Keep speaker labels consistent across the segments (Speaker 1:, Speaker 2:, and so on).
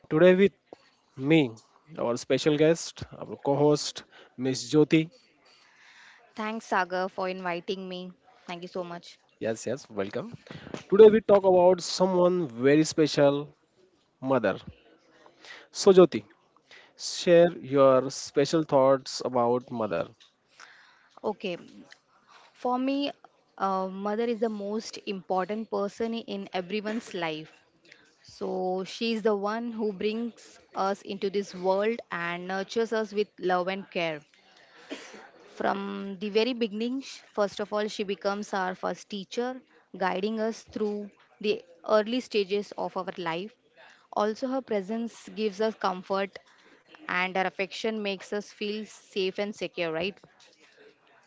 Speaker 1: and today with me our special guest, our co-host Miss Jyoti.
Speaker 2: Thanks, Sagar, for inviting me. Thank you so much.
Speaker 1: Yes, yes, welcome. Today we talk about someone very special, mother. So Jyoti, share your special thoughts about mother.
Speaker 2: Okay, for me, mother is the most important person in everyone's life. So she is the one who brings us into this world and nurtures us with love and care. From the very beginning, first of all, she becomes our first teacher, guiding us through the early stages of our life. Also, her presence gives us comfort and our affection makes us feel safe and secure, right?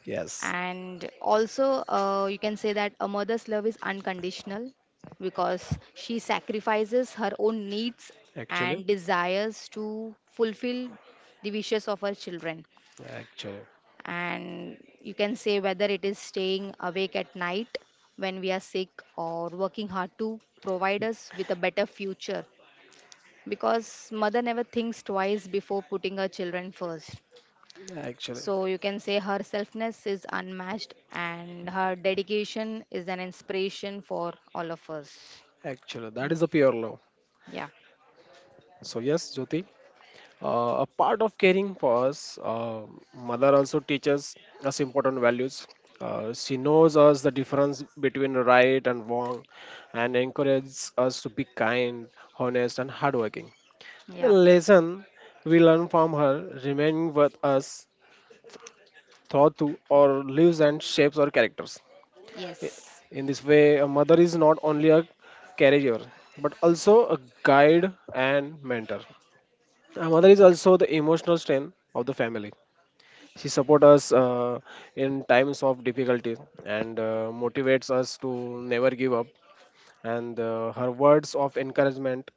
Speaker 1: Yes,
Speaker 2: And also, you can say that a mother's love is unconditional because she sacrifices her own needs
Speaker 1: actually,
Speaker 2: and desires to fulfill the wishes of her children.
Speaker 1: actually,
Speaker 2: And you can say whether it is staying awake at night when we are sick or working hard to provide us with a better future, because mother never thinks twice before putting her children first.
Speaker 1: actually,
Speaker 2: So you can say her selfness is unmatched and her dedication is an inspiration for all of us.
Speaker 1: actually, that
Speaker 2: Right?
Speaker 1: is a pure love.
Speaker 2: Yeah,
Speaker 1: So yes, Jyoti, a part of caring for us, mother also teaches us important values. She knows us the difference between right and wrong, and encourages us to be kind, honest, and hardworking. The
Speaker 2: yeah,
Speaker 1: lesson we learn from her remain with us throughout to our lives and shapes our characters. I-
Speaker 2: yes,
Speaker 1: In this way, a mother is not only a caregiver but also a guide and mentor. A mother
Speaker 2: E-
Speaker 1: is also the emotional strength of the family. She supports us in times of difficulty and motivates us to never give up. And her words of encouragement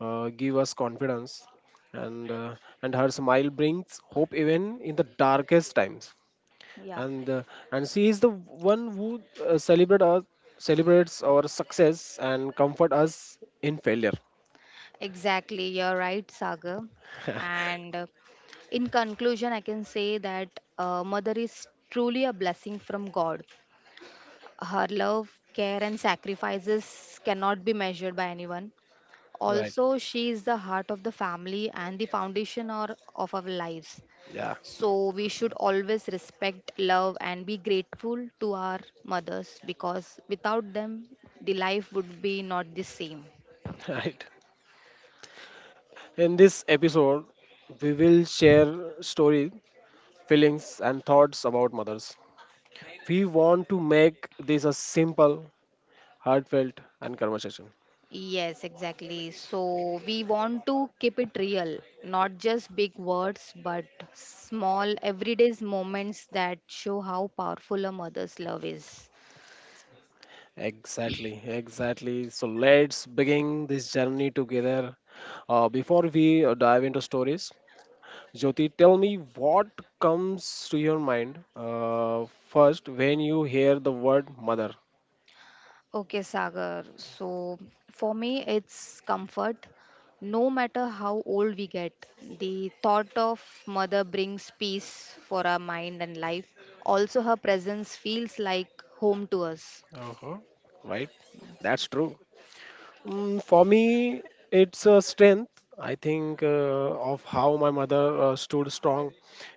Speaker 1: give us confidence, and uh, and her smile brings hope even in the darkest times.
Speaker 2: yeah,
Speaker 1: And she is the one who uh, celebrate us, celebrates our success and comfort us in failure.
Speaker 2: exactly. You're right, Sagar. And in conclusion, I can say that mother is truly a blessing from God. Her love, care, and sacrifices cannot be measured by anyone.
Speaker 1: Right.
Speaker 2: Also, she is the heart of the family and the foundation or of our lives.
Speaker 1: Yeah,
Speaker 2: So we should always respect, love, and be grateful to our mothers, because without them, the life would be not the same.
Speaker 1: right. In this episode, we will share stories feelings, and thoughts about mothers. We want to make this a simple, heartfelt, and conversation.
Speaker 2: Yes, exactly. So we want to keep it real, not just big words, but small everyday moments that show how powerful a mother's love is.
Speaker 1: Exactly, exactly. So let's begin this journey together. Before we dive into stories, Jyoti, tell me what comes to your mind first when you hear the word mother.
Speaker 2: Okay, Sagar. So for me, it's comfort. No matter how old we get, the thought of mother brings peace for our mind and life. Also, her presence feels like home to us.
Speaker 1: Uh-huh. Right? That's true. Mm, for me, it's a strength. I think of how my mother stood strong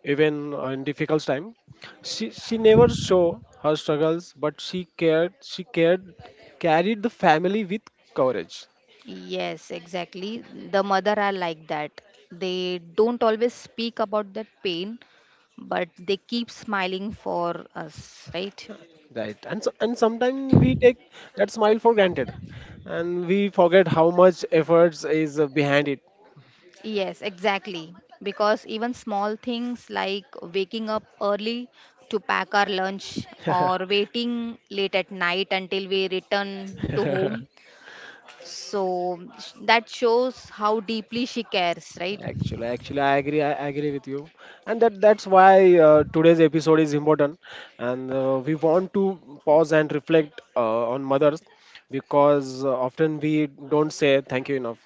Speaker 1: even in difficult time. She never show her struggles, but she cared. She cared, carried the family with courage.
Speaker 2: Yes, exactly. The mother are like that. They don't always speak about that pain, but they keep smiling for us, right?
Speaker 1: Right, and so, and sometimes we take that smile for granted, and we forget how much efforts is behind
Speaker 2: Yes, exactly. Because even small things like waking up early to pack our lunch
Speaker 1: it.
Speaker 2: or waiting late at night until we return to home. So that shows how deeply she cares, right?
Speaker 1: I agree. I agree with you, and that's why today's episode is important, and we want to pause and reflect on mothers because often we don't say thank you enough.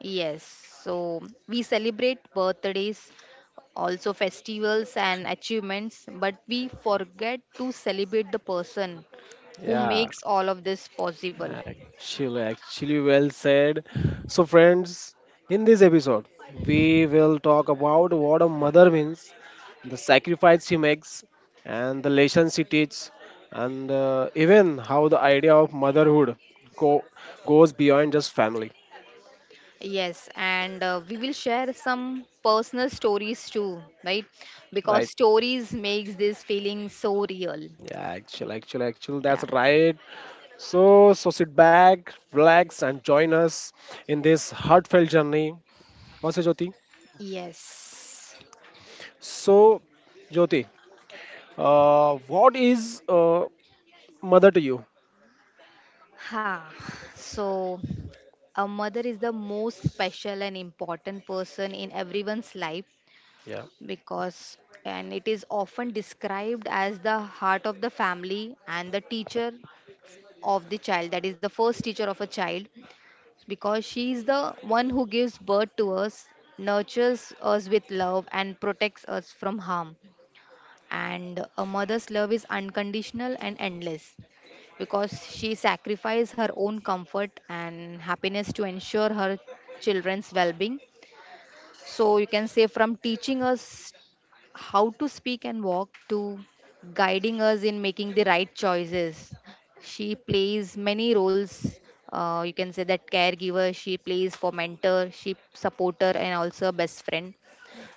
Speaker 2: Yes. So we celebrate birthdays, also festivals and achievements, but we forget to celebrate the person who
Speaker 1: Yeah,
Speaker 2: makes all of this possible.
Speaker 1: well said. So, friends, in this episode, we will talk about what a mother means the sacrifice he makes, and the lessons he teaches, and even how the idea of motherhood go, goes beyond just family.
Speaker 2: Yes, and we will share some personal stories too, right? Because
Speaker 1: Right?
Speaker 2: stories makes this feeling so real.
Speaker 1: Yeah, that's
Speaker 2: Yeah.
Speaker 1: right. So, so sit back, relax, and join us in this heartfelt journey. What's it, Jyoti?
Speaker 2: Yes.
Speaker 1: So, Jyoti, what is mother to you?
Speaker 2: Ha. So a mother is the most special and important person in everyone's life,
Speaker 1: Yeah,
Speaker 2: because and it is often described as the heart of the family and the teacher of the child, that is the first teacher of a child, because she is the one who gives birth to us, nurtures us with love, and protects us from harm. And a mother's love is unconditional and endless because she sacrifices her own comfort and happiness to ensure her children's well being. So, you can say from teaching us how to speak and walk to guiding us in making the right choices. She plays many roles. You can say that caregiver, she plays for mentor, she supporter, and also a best friend.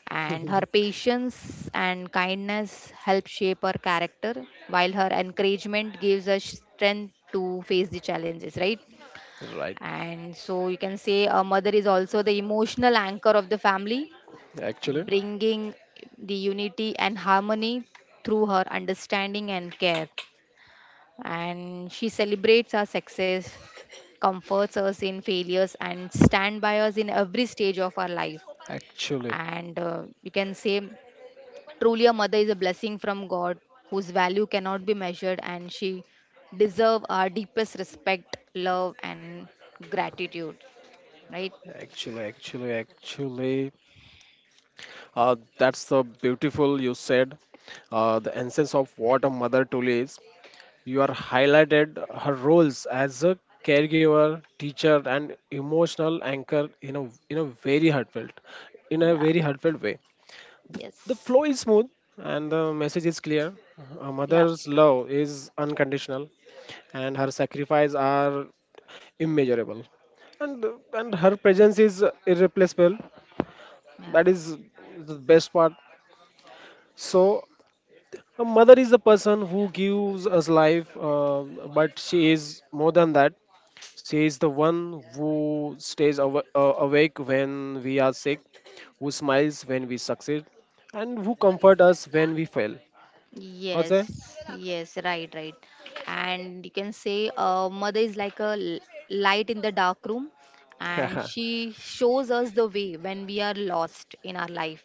Speaker 2: And her patience and kindness help shape her character, while her encouragement gives us strength to face the challenges, right?
Speaker 1: right.
Speaker 2: And so you can say a mother is also the emotional anchor of the family,
Speaker 1: Actually,
Speaker 2: bringing the unity and harmony through her understanding and care. And she celebrates our success, comforts us in failures, and stand by us in every stage of our life.
Speaker 1: actually,
Speaker 2: And you can say, truly, a mother is a blessing from God whose value cannot be measured, and she deserve our deepest respect, love, and gratitude. Right?
Speaker 1: actually. That's the beautiful you said. The essence of what a mother truly is. You are highlighted her roles as a caregiver, teacher, and emotional anchor in a very heartfelt, in a
Speaker 2: Yeah.
Speaker 1: very heartfelt way. The, the
Speaker 2: Yes.
Speaker 1: flow is smooth and the message is clear. A
Speaker 2: Yeah.
Speaker 1: mother's love is unconditional, and her sacrifice are immeasurable and and her presence is irreplaceable.
Speaker 2: Yeah.
Speaker 1: That is the best part. So a mother is a person who gives us life, but she is more than that. She is the one who stays awake when we are sick, who smiles when we succeed, and who comfort us when we fail.
Speaker 2: Yes,
Speaker 1: Okay?
Speaker 2: yes, right, right. And you can say mother is like a light in the dark room, and
Speaker 1: Yeah.
Speaker 2: she shows us the way when we are lost in our life.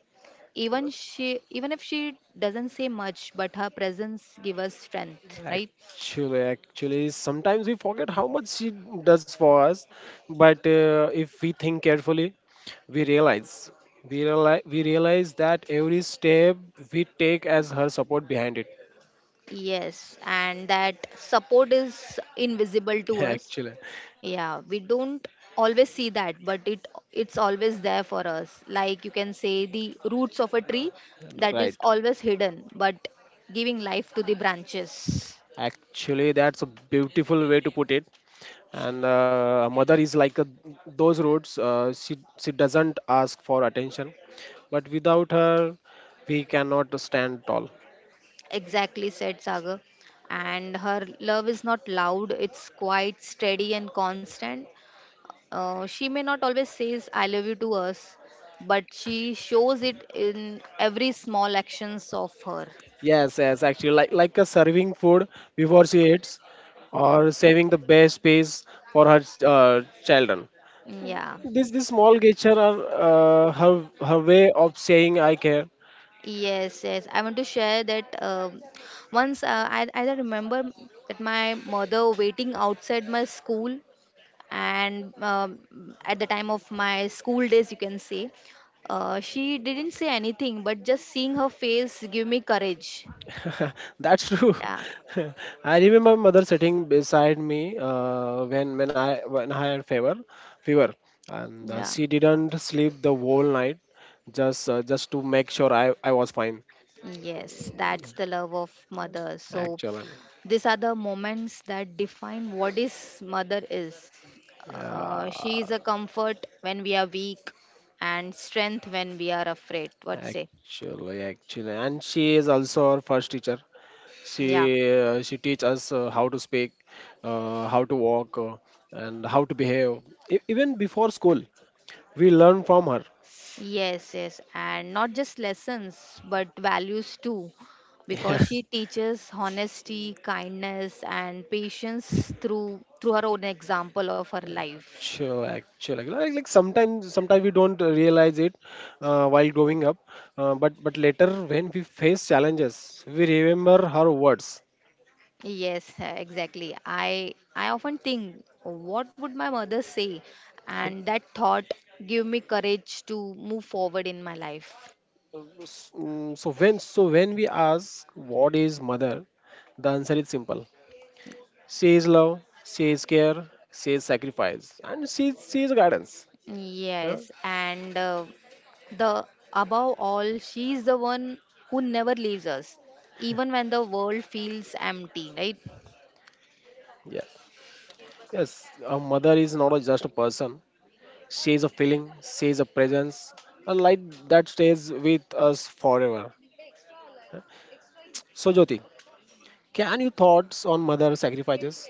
Speaker 2: Even she, even if she doesn't say much, but her presence give us strength, right?
Speaker 1: sometimes we forget how much she does for us, but if we think carefully, we realize we realize that every step we take as her support behind it.
Speaker 2: Yes, and that support is invisible to us.
Speaker 1: Actually,
Speaker 2: Yeah, we don't always see that, but it's always there for us. Like you can say the roots of a tree that
Speaker 1: right.
Speaker 2: is always hidden, but giving life to the branches.
Speaker 1: Actually, that's a beautiful way to put it. And a mother is like a, those roads. She doesn't ask for attention, but without her, we cannot stand tall.
Speaker 2: Exactly said Sagar. And her love is not loud, it's quite steady and constant. She may not always says I love you to us, but she shows it in every small actions of her.
Speaker 1: Yes, yes. Actually, like a serving food before she eats, or saving the best space for her children.
Speaker 2: Mm, yeah.
Speaker 1: This small gesture are her way of saying I care.
Speaker 2: Yes, yes. I want to share that once I remember that my mother waiting outside my school, and at the time of my school days, you can say, she didn't say anything, but just seeing her face give me courage.
Speaker 1: That's true.
Speaker 2: Yeah,
Speaker 1: I remember my mother sitting beside me when I had fever, and
Speaker 2: yeah.
Speaker 1: she didn't sleep the whole night, just to make sure I was fine.
Speaker 2: Yes, that's the love of mother. So
Speaker 1: Actually,
Speaker 2: these are the moments that define what is mother is. She is
Speaker 1: yeah,
Speaker 2: a comfort when we are weak and strength when we are afraid. What say?
Speaker 1: and she is also our first teacher. She
Speaker 2: Yeah.
Speaker 1: she teach us how to speak, how to walk, and how to behave. Even before school, we learn from her.
Speaker 2: Yes, yes, and not just lessons, but values too, because she teaches honesty, kindness, and patience through her own example of her life.
Speaker 1: Sure, actually, sometimes we don't realize it while growing up, but but later when we face challenges, we remember her words.
Speaker 2: Yes, exactly. I often think, what would my mother say? And that thought give me courage to move forward in my life.
Speaker 1: So when we ask what is mother, the answer is simple. She is love, she is care, she is sacrifice, and she is guidance. Yeah.
Speaker 2: Yes, and the above all, she is the one who never leaves us, even when the world feels empty, right?
Speaker 1: Yes. Yes. A mother is not a- just a person. She is a feeling. She is a presence, a light that stays with us forever. So Jyoti, can you thoughts on mother sacrifices?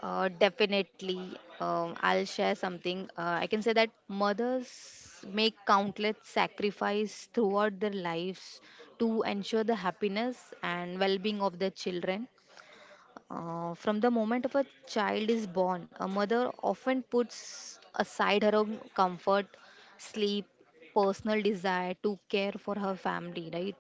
Speaker 2: Definitely. I'll share something. I can say that mothers make countless sacrifice throughout their lives to ensure the happiness and well-being of their children. From the moment of a child is born, a mother often puts aside her own comfort, sleep, personal desire to care for her family, right?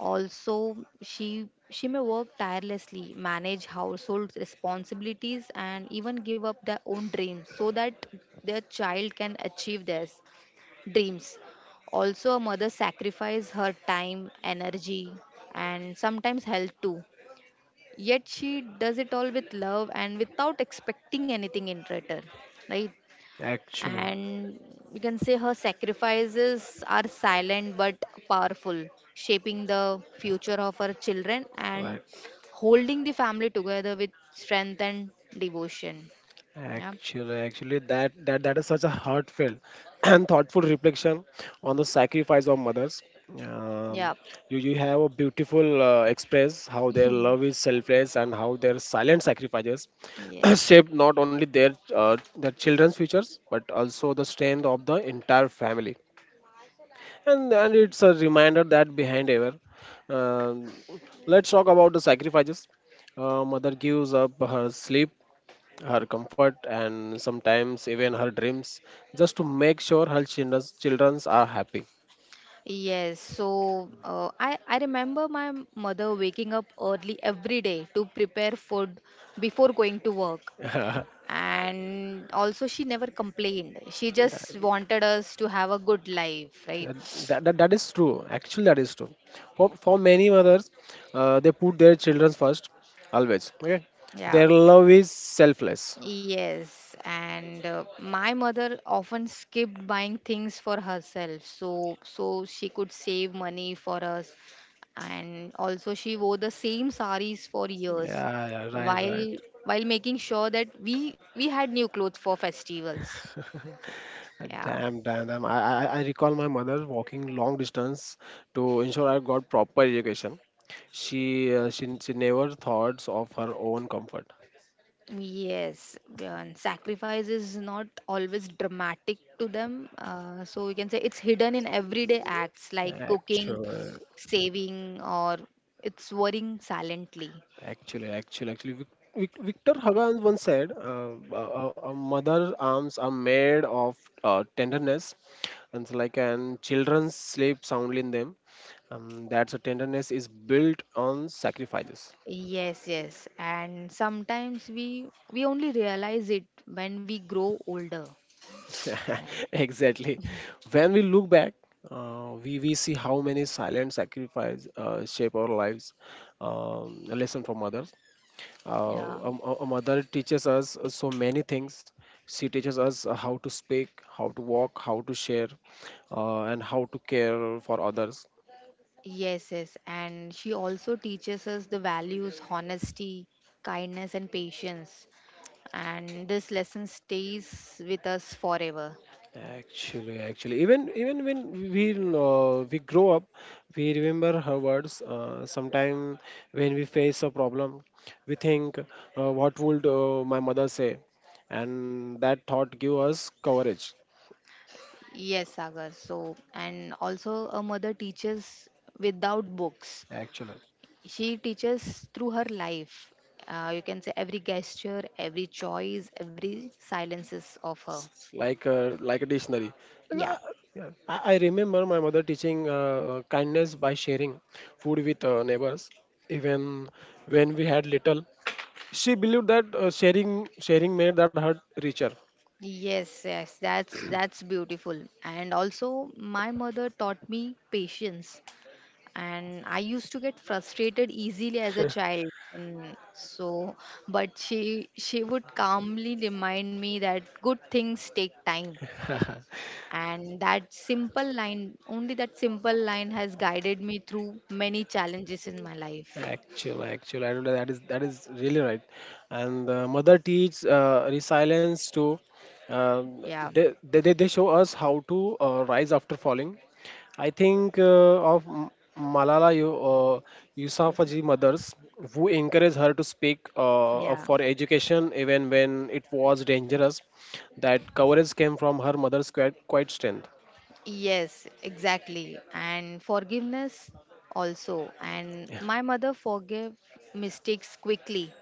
Speaker 2: Also, she may work tirelessly, manage household responsibilities, and even give up their own dreams so that their child can achieve their dreams. Also, a mother sacrifices her time, energy, and sometimes health too. Yet she does it all with love and without expecting anything in return, right?
Speaker 1: Actually,
Speaker 2: And you can say her sacrifices are silent but powerful, shaping the future of her children and
Speaker 1: right.
Speaker 2: holding the family together with strength and devotion. Yeah.
Speaker 1: That that that is such a heartfelt and thoughtful reflection on the sacrifice of mothers. Um,
Speaker 2: Yeah.
Speaker 1: you you have a beautiful express how their love is selfless and how their silent sacrifices
Speaker 2: Yeah.
Speaker 1: shape not only their children's futures but also the strength of the entire family. And it's a reminder that behind ever um, let's talk about the sacrifices mother gives up her sleep her comfort and sometimes even her dreams just to make sure her children's children's are happy.
Speaker 2: Yes. So I remember my mother waking up early every day to prepare food before going to work.
Speaker 1: that,
Speaker 2: And also she never complained. She just wanted us to have a good life, right?
Speaker 1: that is true actually that is true for many mothers they put their children first always. Okay,
Speaker 2: Yeah.
Speaker 1: their love is selfless.
Speaker 2: Yes, and my mother often skipped buying things for herself, so she could save money for us. And also, she wore the same saris for years,
Speaker 1: Yeah, yeah, right
Speaker 2: while
Speaker 1: right.
Speaker 2: making sure that we had new clothes for festivals. Yeah.
Speaker 1: Damn. I recall my mother walking long distance to ensure I got proper education. She never thought of her own comfort.
Speaker 2: Yes, and sacrifice is not always dramatic to them. So you can say it's hidden in everyday acts like cooking,
Speaker 1: Actually,
Speaker 2: saving, or it's worrying silently.
Speaker 1: actually, Victor Hugo once said, a mother's arms are made of tenderness, and so like, and children sleep soundly in them. That's a tenderness is built on sacrifices.
Speaker 2: Yes, yes, and sometimes we only realize it when we grow older. Yeah.
Speaker 1: Exactly. When we look back, we see how many silent sacrifice shape our lives. A lesson from mothers.
Speaker 2: Yeah.
Speaker 1: A mother teaches us so many things. She teaches us how to speak, how to walk, how to share, and how to care for others.
Speaker 2: Yes, yes, and she also teaches us the values, honesty, kindness, and patience. And this lesson stays with us forever.
Speaker 1: Even when we grow up, we remember her words. Sometime when we face a problem, we think, "What would my mother say?" And that thought give us coverage.
Speaker 2: Yes, Sagar. So, and also a mother teaches without books.
Speaker 1: Actually,
Speaker 2: She teaches through her life. You can say every gesture, every choice, every silences of her.
Speaker 1: like a dictionary. And
Speaker 2: Yeah.
Speaker 1: I, yeah, I remember my mother teaching kindness by sharing food with neighbors, even when we had little. She believed that sharing made that heart richer.
Speaker 2: Yes, yes, that's beautiful. And also, my mother taught me patience. And I used to get frustrated easily as a child, and so but she would calmly remind me that good things take time, and that simple line, only that simple line has guided me through many challenges in my life.
Speaker 1: I don't know. That is really right. And the mother teach resilience to. Um,
Speaker 2: Yeah.
Speaker 1: they they show us how to rise after falling. I think of Malala uh,
Speaker 2: So,
Speaker 1: Yousafzai mothers who encourage her to speak up
Speaker 2: yeah.
Speaker 1: for education even when it was dangerous. That courage came from her mother's quite strength.
Speaker 2: Yes, exactly. And forgiveness also. And my mother forgave mistakes quickly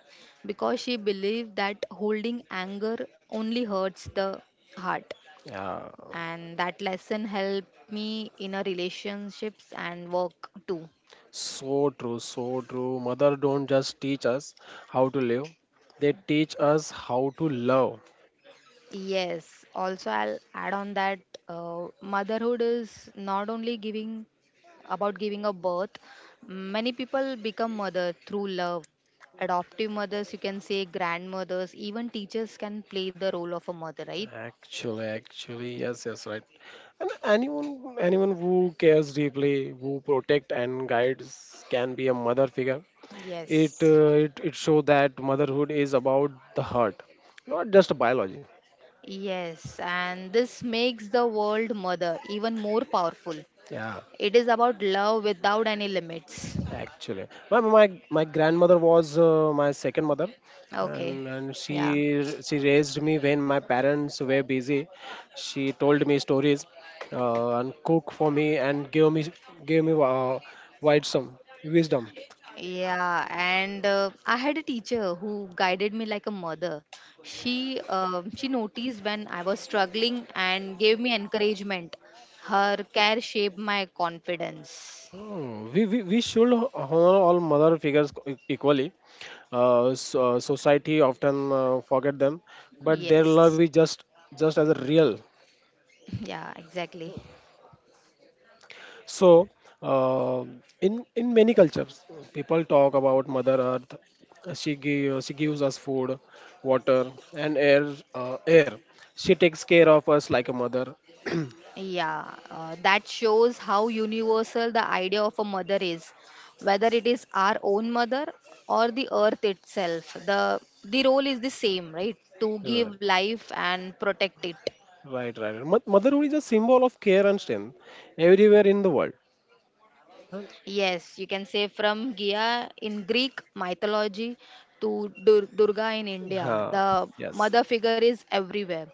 Speaker 2: because she believed that holding anger only hurts the heart.
Speaker 1: Yeah.
Speaker 2: And that lesson helped me in a relationships and work too.
Speaker 1: So true, so true. Mother don't just teach us how to live, they teach us how to love.
Speaker 2: Yes, also I'll add on that motherhood is not only giving about giving a birth. Many people become mother through love. Adoptive mothers, you can say grandmothers, even teachers can play the role of a mother, right?
Speaker 1: Yes, yes, right. And anyone who cares deeply, who protect and guides can be a mother figure. It
Speaker 2: Yes.
Speaker 1: uh, it it show that motherhood is about the heart, not just biology.
Speaker 2: Yes, and this makes the world mother even more powerful.
Speaker 1: Yeah.
Speaker 2: It is about love without any limits.
Speaker 1: Actually my my grandmother was my second mother
Speaker 2: Okay,
Speaker 1: and
Speaker 2: yeah.
Speaker 1: she raised me when my parents were busy. She told me stories and cook for me and gave me wisdom wisdom.
Speaker 2: Yeah, and I had a teacher who guided me like a mother. She noticed when I was struggling and gave me encouragement. Her care shaped my confidence.
Speaker 1: Oh, we should honor all mother figures equally. Society often forget them, but their
Speaker 2: Yes,
Speaker 1: love is just as real.
Speaker 2: yeah, exactly.
Speaker 1: So, uh, in many cultures, people talk about Mother Earth. She gives us food, water, and air. Air. She takes care of us like a mother.
Speaker 2: Yeah, that shows how universal the idea of a mother is, whether it is our own mother or the earth itself. The role is the same, right? To give
Speaker 1: right,
Speaker 2: life and protect it.
Speaker 1: right, right. Motherhood is a symbol of care and strength everywhere in the world.
Speaker 2: Yes, you can say from Gia in Greek mythology to Durga in India.
Speaker 1: Huh.
Speaker 2: The
Speaker 1: Yes.
Speaker 2: mother figure is everywhere.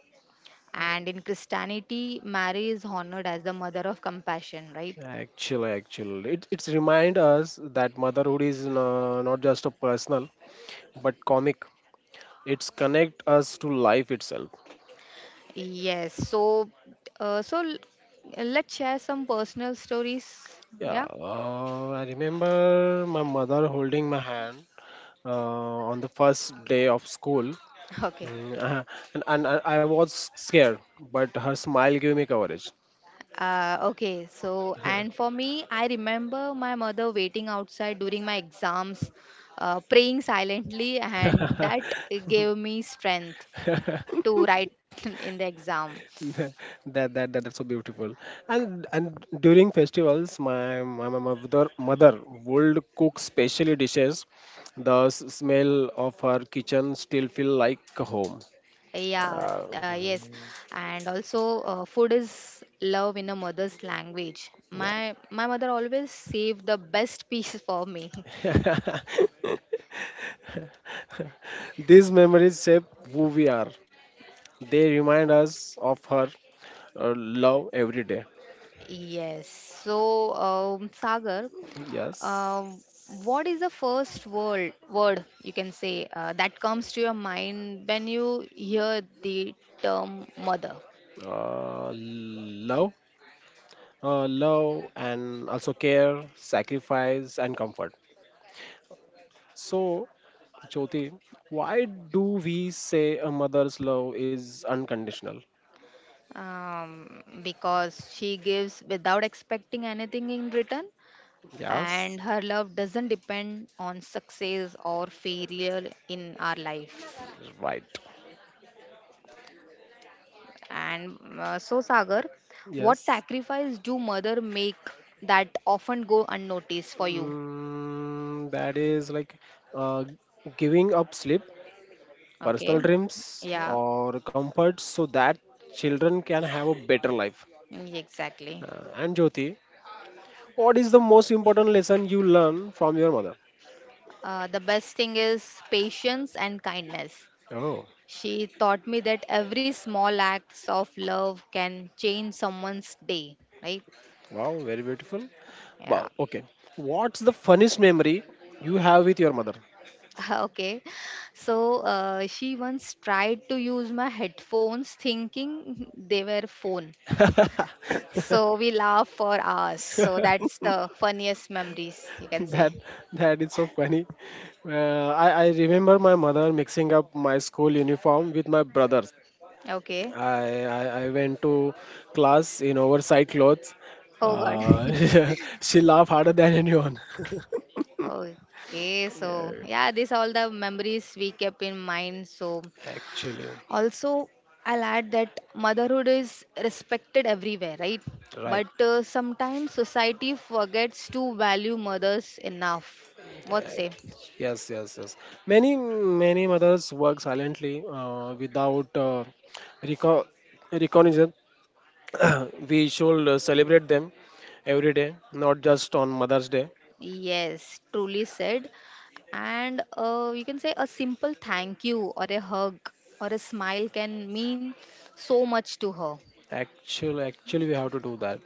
Speaker 2: And in Christianity, Mary is honored as the mother of compassion, right?
Speaker 1: It it's remind us that motherhood is not just a personal but comic. It's connect us to life itself.
Speaker 2: Yes. So, uh, so l- let's share some personal stories.
Speaker 1: Yeah,
Speaker 2: Yeah.
Speaker 1: I remember my mother holding my hand on the first day of school.
Speaker 2: Okay.
Speaker 1: Mm, uh, and I was scared, but her smile gave me courage.
Speaker 2: Okay, so and for me, I remember my mother waiting outside during my exams, praying silently, and
Speaker 1: That,
Speaker 2: that gave me strength to write in the exam.
Speaker 1: that that that's so beautiful. And during festivals, my mother would cook specially dishes. The smell of her kitchen still feel like home.
Speaker 2: Yeah,
Speaker 1: Uh,
Speaker 2: yes, and also food is love in a mother's language. My mother always saved the best piece for me.
Speaker 1: yeah, these memories shape who we are. They remind us of her love every day.
Speaker 2: Yes. So, Sagar,
Speaker 1: Yes.
Speaker 2: uh, what is the first word you can say that comes to your mind when you hear the term mother.
Speaker 1: Uh, love, love, and also care, sacrifice, and comfort. So, Jyoti, why do we say a mother's love is unconditional?
Speaker 2: Because she gives without expecting anything in return,
Speaker 1: Yes,
Speaker 2: and her love doesn't depend on success or failure in our life.
Speaker 1: right.
Speaker 2: And so Sagar, what
Speaker 1: Yes.
Speaker 2: sacrifice do mother make that often go unnoticed for you?
Speaker 1: Mm, that is like uh, giving up sleep personal
Speaker 2: Okay.
Speaker 1: dreams
Speaker 2: Yeah,
Speaker 1: or comforts so that children can have a better life.
Speaker 2: exactly.
Speaker 1: And Jyoti, what is the most important lesson you learn from your mother?
Speaker 2: The best thing is patience and kindness.
Speaker 1: Oh,
Speaker 2: She taught me that every small acts of love can change someone's day, right?
Speaker 1: wow, very beautiful.
Speaker 2: Yeah.
Speaker 1: But okay, what's the funniest memory you have with your mother?
Speaker 2: Okay. So she once tried to use my headphones thinking they were phone. So we laughed for hours. So that's the funniest memories you can say.
Speaker 1: That that is so funny. I remember my mother mixing up my school uniform with my brother's.
Speaker 2: Okay.
Speaker 1: I went to class in oversized clothes.
Speaker 2: Oh God.
Speaker 1: She laughed harder than anyone.
Speaker 2: Okay, so yeah, these all the memories we kept in mind. So
Speaker 1: Actually,
Speaker 2: also, I'll add that motherhood is respected everywhere, right?
Speaker 1: right.
Speaker 2: But sometimes society forgets to value mothers enough. What say?
Speaker 1: Act- yes, yes, yes. Many, many mothers work silently without reco- recognition. we should celebrate them every day, not just on Mother's Day.
Speaker 2: Yes, truly said. And you can say a simple thank you or a hug or a smile can mean so much to her.
Speaker 1: We have to do that.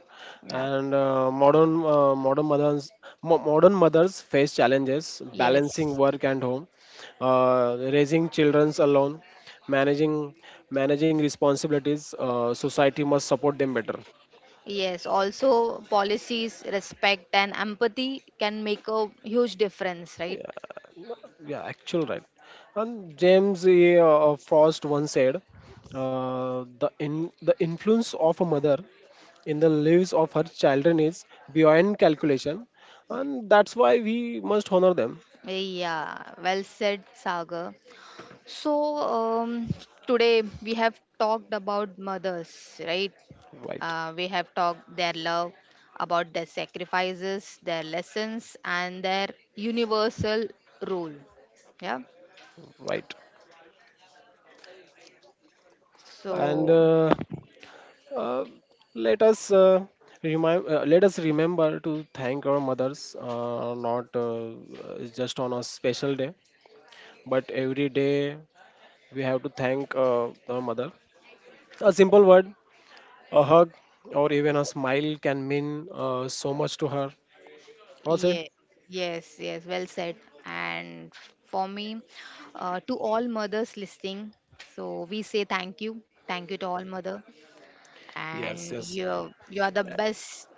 Speaker 2: Yeah.
Speaker 1: And modern mothers face challenges balancing
Speaker 2: Yes.
Speaker 1: work and home, raising children alone, managing managing responsibilities. Society must support them better.
Speaker 2: Yes. Also, policies, respect, and empathy can make a huge difference, right?
Speaker 1: Yeah, yeah, actual right. And James A. Frost once said, the in the influence of a mother in the lives of her children is beyond calculation, and that's why we must honor them.
Speaker 2: Yeah, well said, Sagar. So, today we have talked about mothers, right?
Speaker 1: Right
Speaker 2: We have talked their love, about their sacrifices, their lessons, and their universal role. Yeah.
Speaker 1: right and
Speaker 2: So,
Speaker 1: uh, let us uh, let us remember to thank our mothers not uh, just on a special day but every day. We have to thank our mother. A simple word, a hug, or even a smile can mean so much to her. Also
Speaker 2: yeah, yes, yes, well said. And for me, to all mothers listening, so we say thank you to all mother,
Speaker 1: yes
Speaker 2: and
Speaker 1: yes.
Speaker 2: you are the best.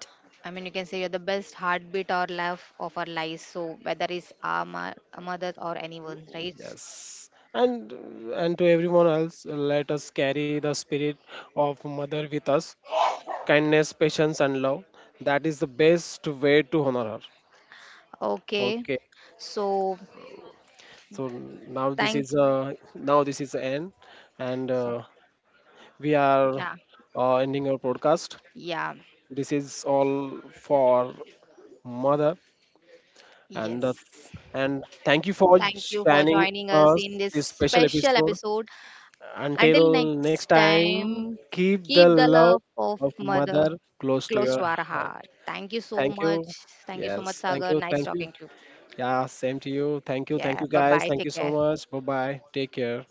Speaker 2: I mean you can say you're the best heartbeat or laugh of our lives, so whether it's our, our mother or anyone, right?
Speaker 1: Yes. And and to everyone else, let us carry the spirit of mother with us. Kindness, patience, and love. That is the best way to honor her.
Speaker 2: Okay.
Speaker 1: Okay.
Speaker 2: So thank,
Speaker 1: Now this is the end, and
Speaker 2: so
Speaker 1: we are
Speaker 2: yeah,
Speaker 1: ending our podcast.
Speaker 2: yeah,
Speaker 1: This is all for mother, and
Speaker 2: yes,
Speaker 1: thank you for
Speaker 2: thank you for
Speaker 1: joining
Speaker 2: joining us
Speaker 1: us
Speaker 2: in this
Speaker 1: this special
Speaker 2: special
Speaker 1: episode.
Speaker 2: episode. Until
Speaker 1: Until next
Speaker 2: next
Speaker 1: time,
Speaker 2: time,
Speaker 1: keep
Speaker 2: keep
Speaker 1: the
Speaker 2: the love
Speaker 1: love
Speaker 2: of
Speaker 1: of
Speaker 2: mother
Speaker 1: mother close to
Speaker 2: close to
Speaker 1: your
Speaker 2: our
Speaker 1: heart.
Speaker 2: heart. Thank you so
Speaker 1: Thank
Speaker 2: much,
Speaker 1: you.
Speaker 2: thank you so much
Speaker 1: Yes, thank
Speaker 2: Sagar,
Speaker 1: you.
Speaker 2: nice
Speaker 1: Thank you.
Speaker 2: talking to you.
Speaker 1: Yeah, same to you. Thank you. Thank
Speaker 2: Yeah,
Speaker 1: you,
Speaker 2: bye
Speaker 1: guys.
Speaker 2: bye,
Speaker 1: Thank you
Speaker 2: take
Speaker 1: so
Speaker 2: care.
Speaker 1: much. Bye bye. Take care.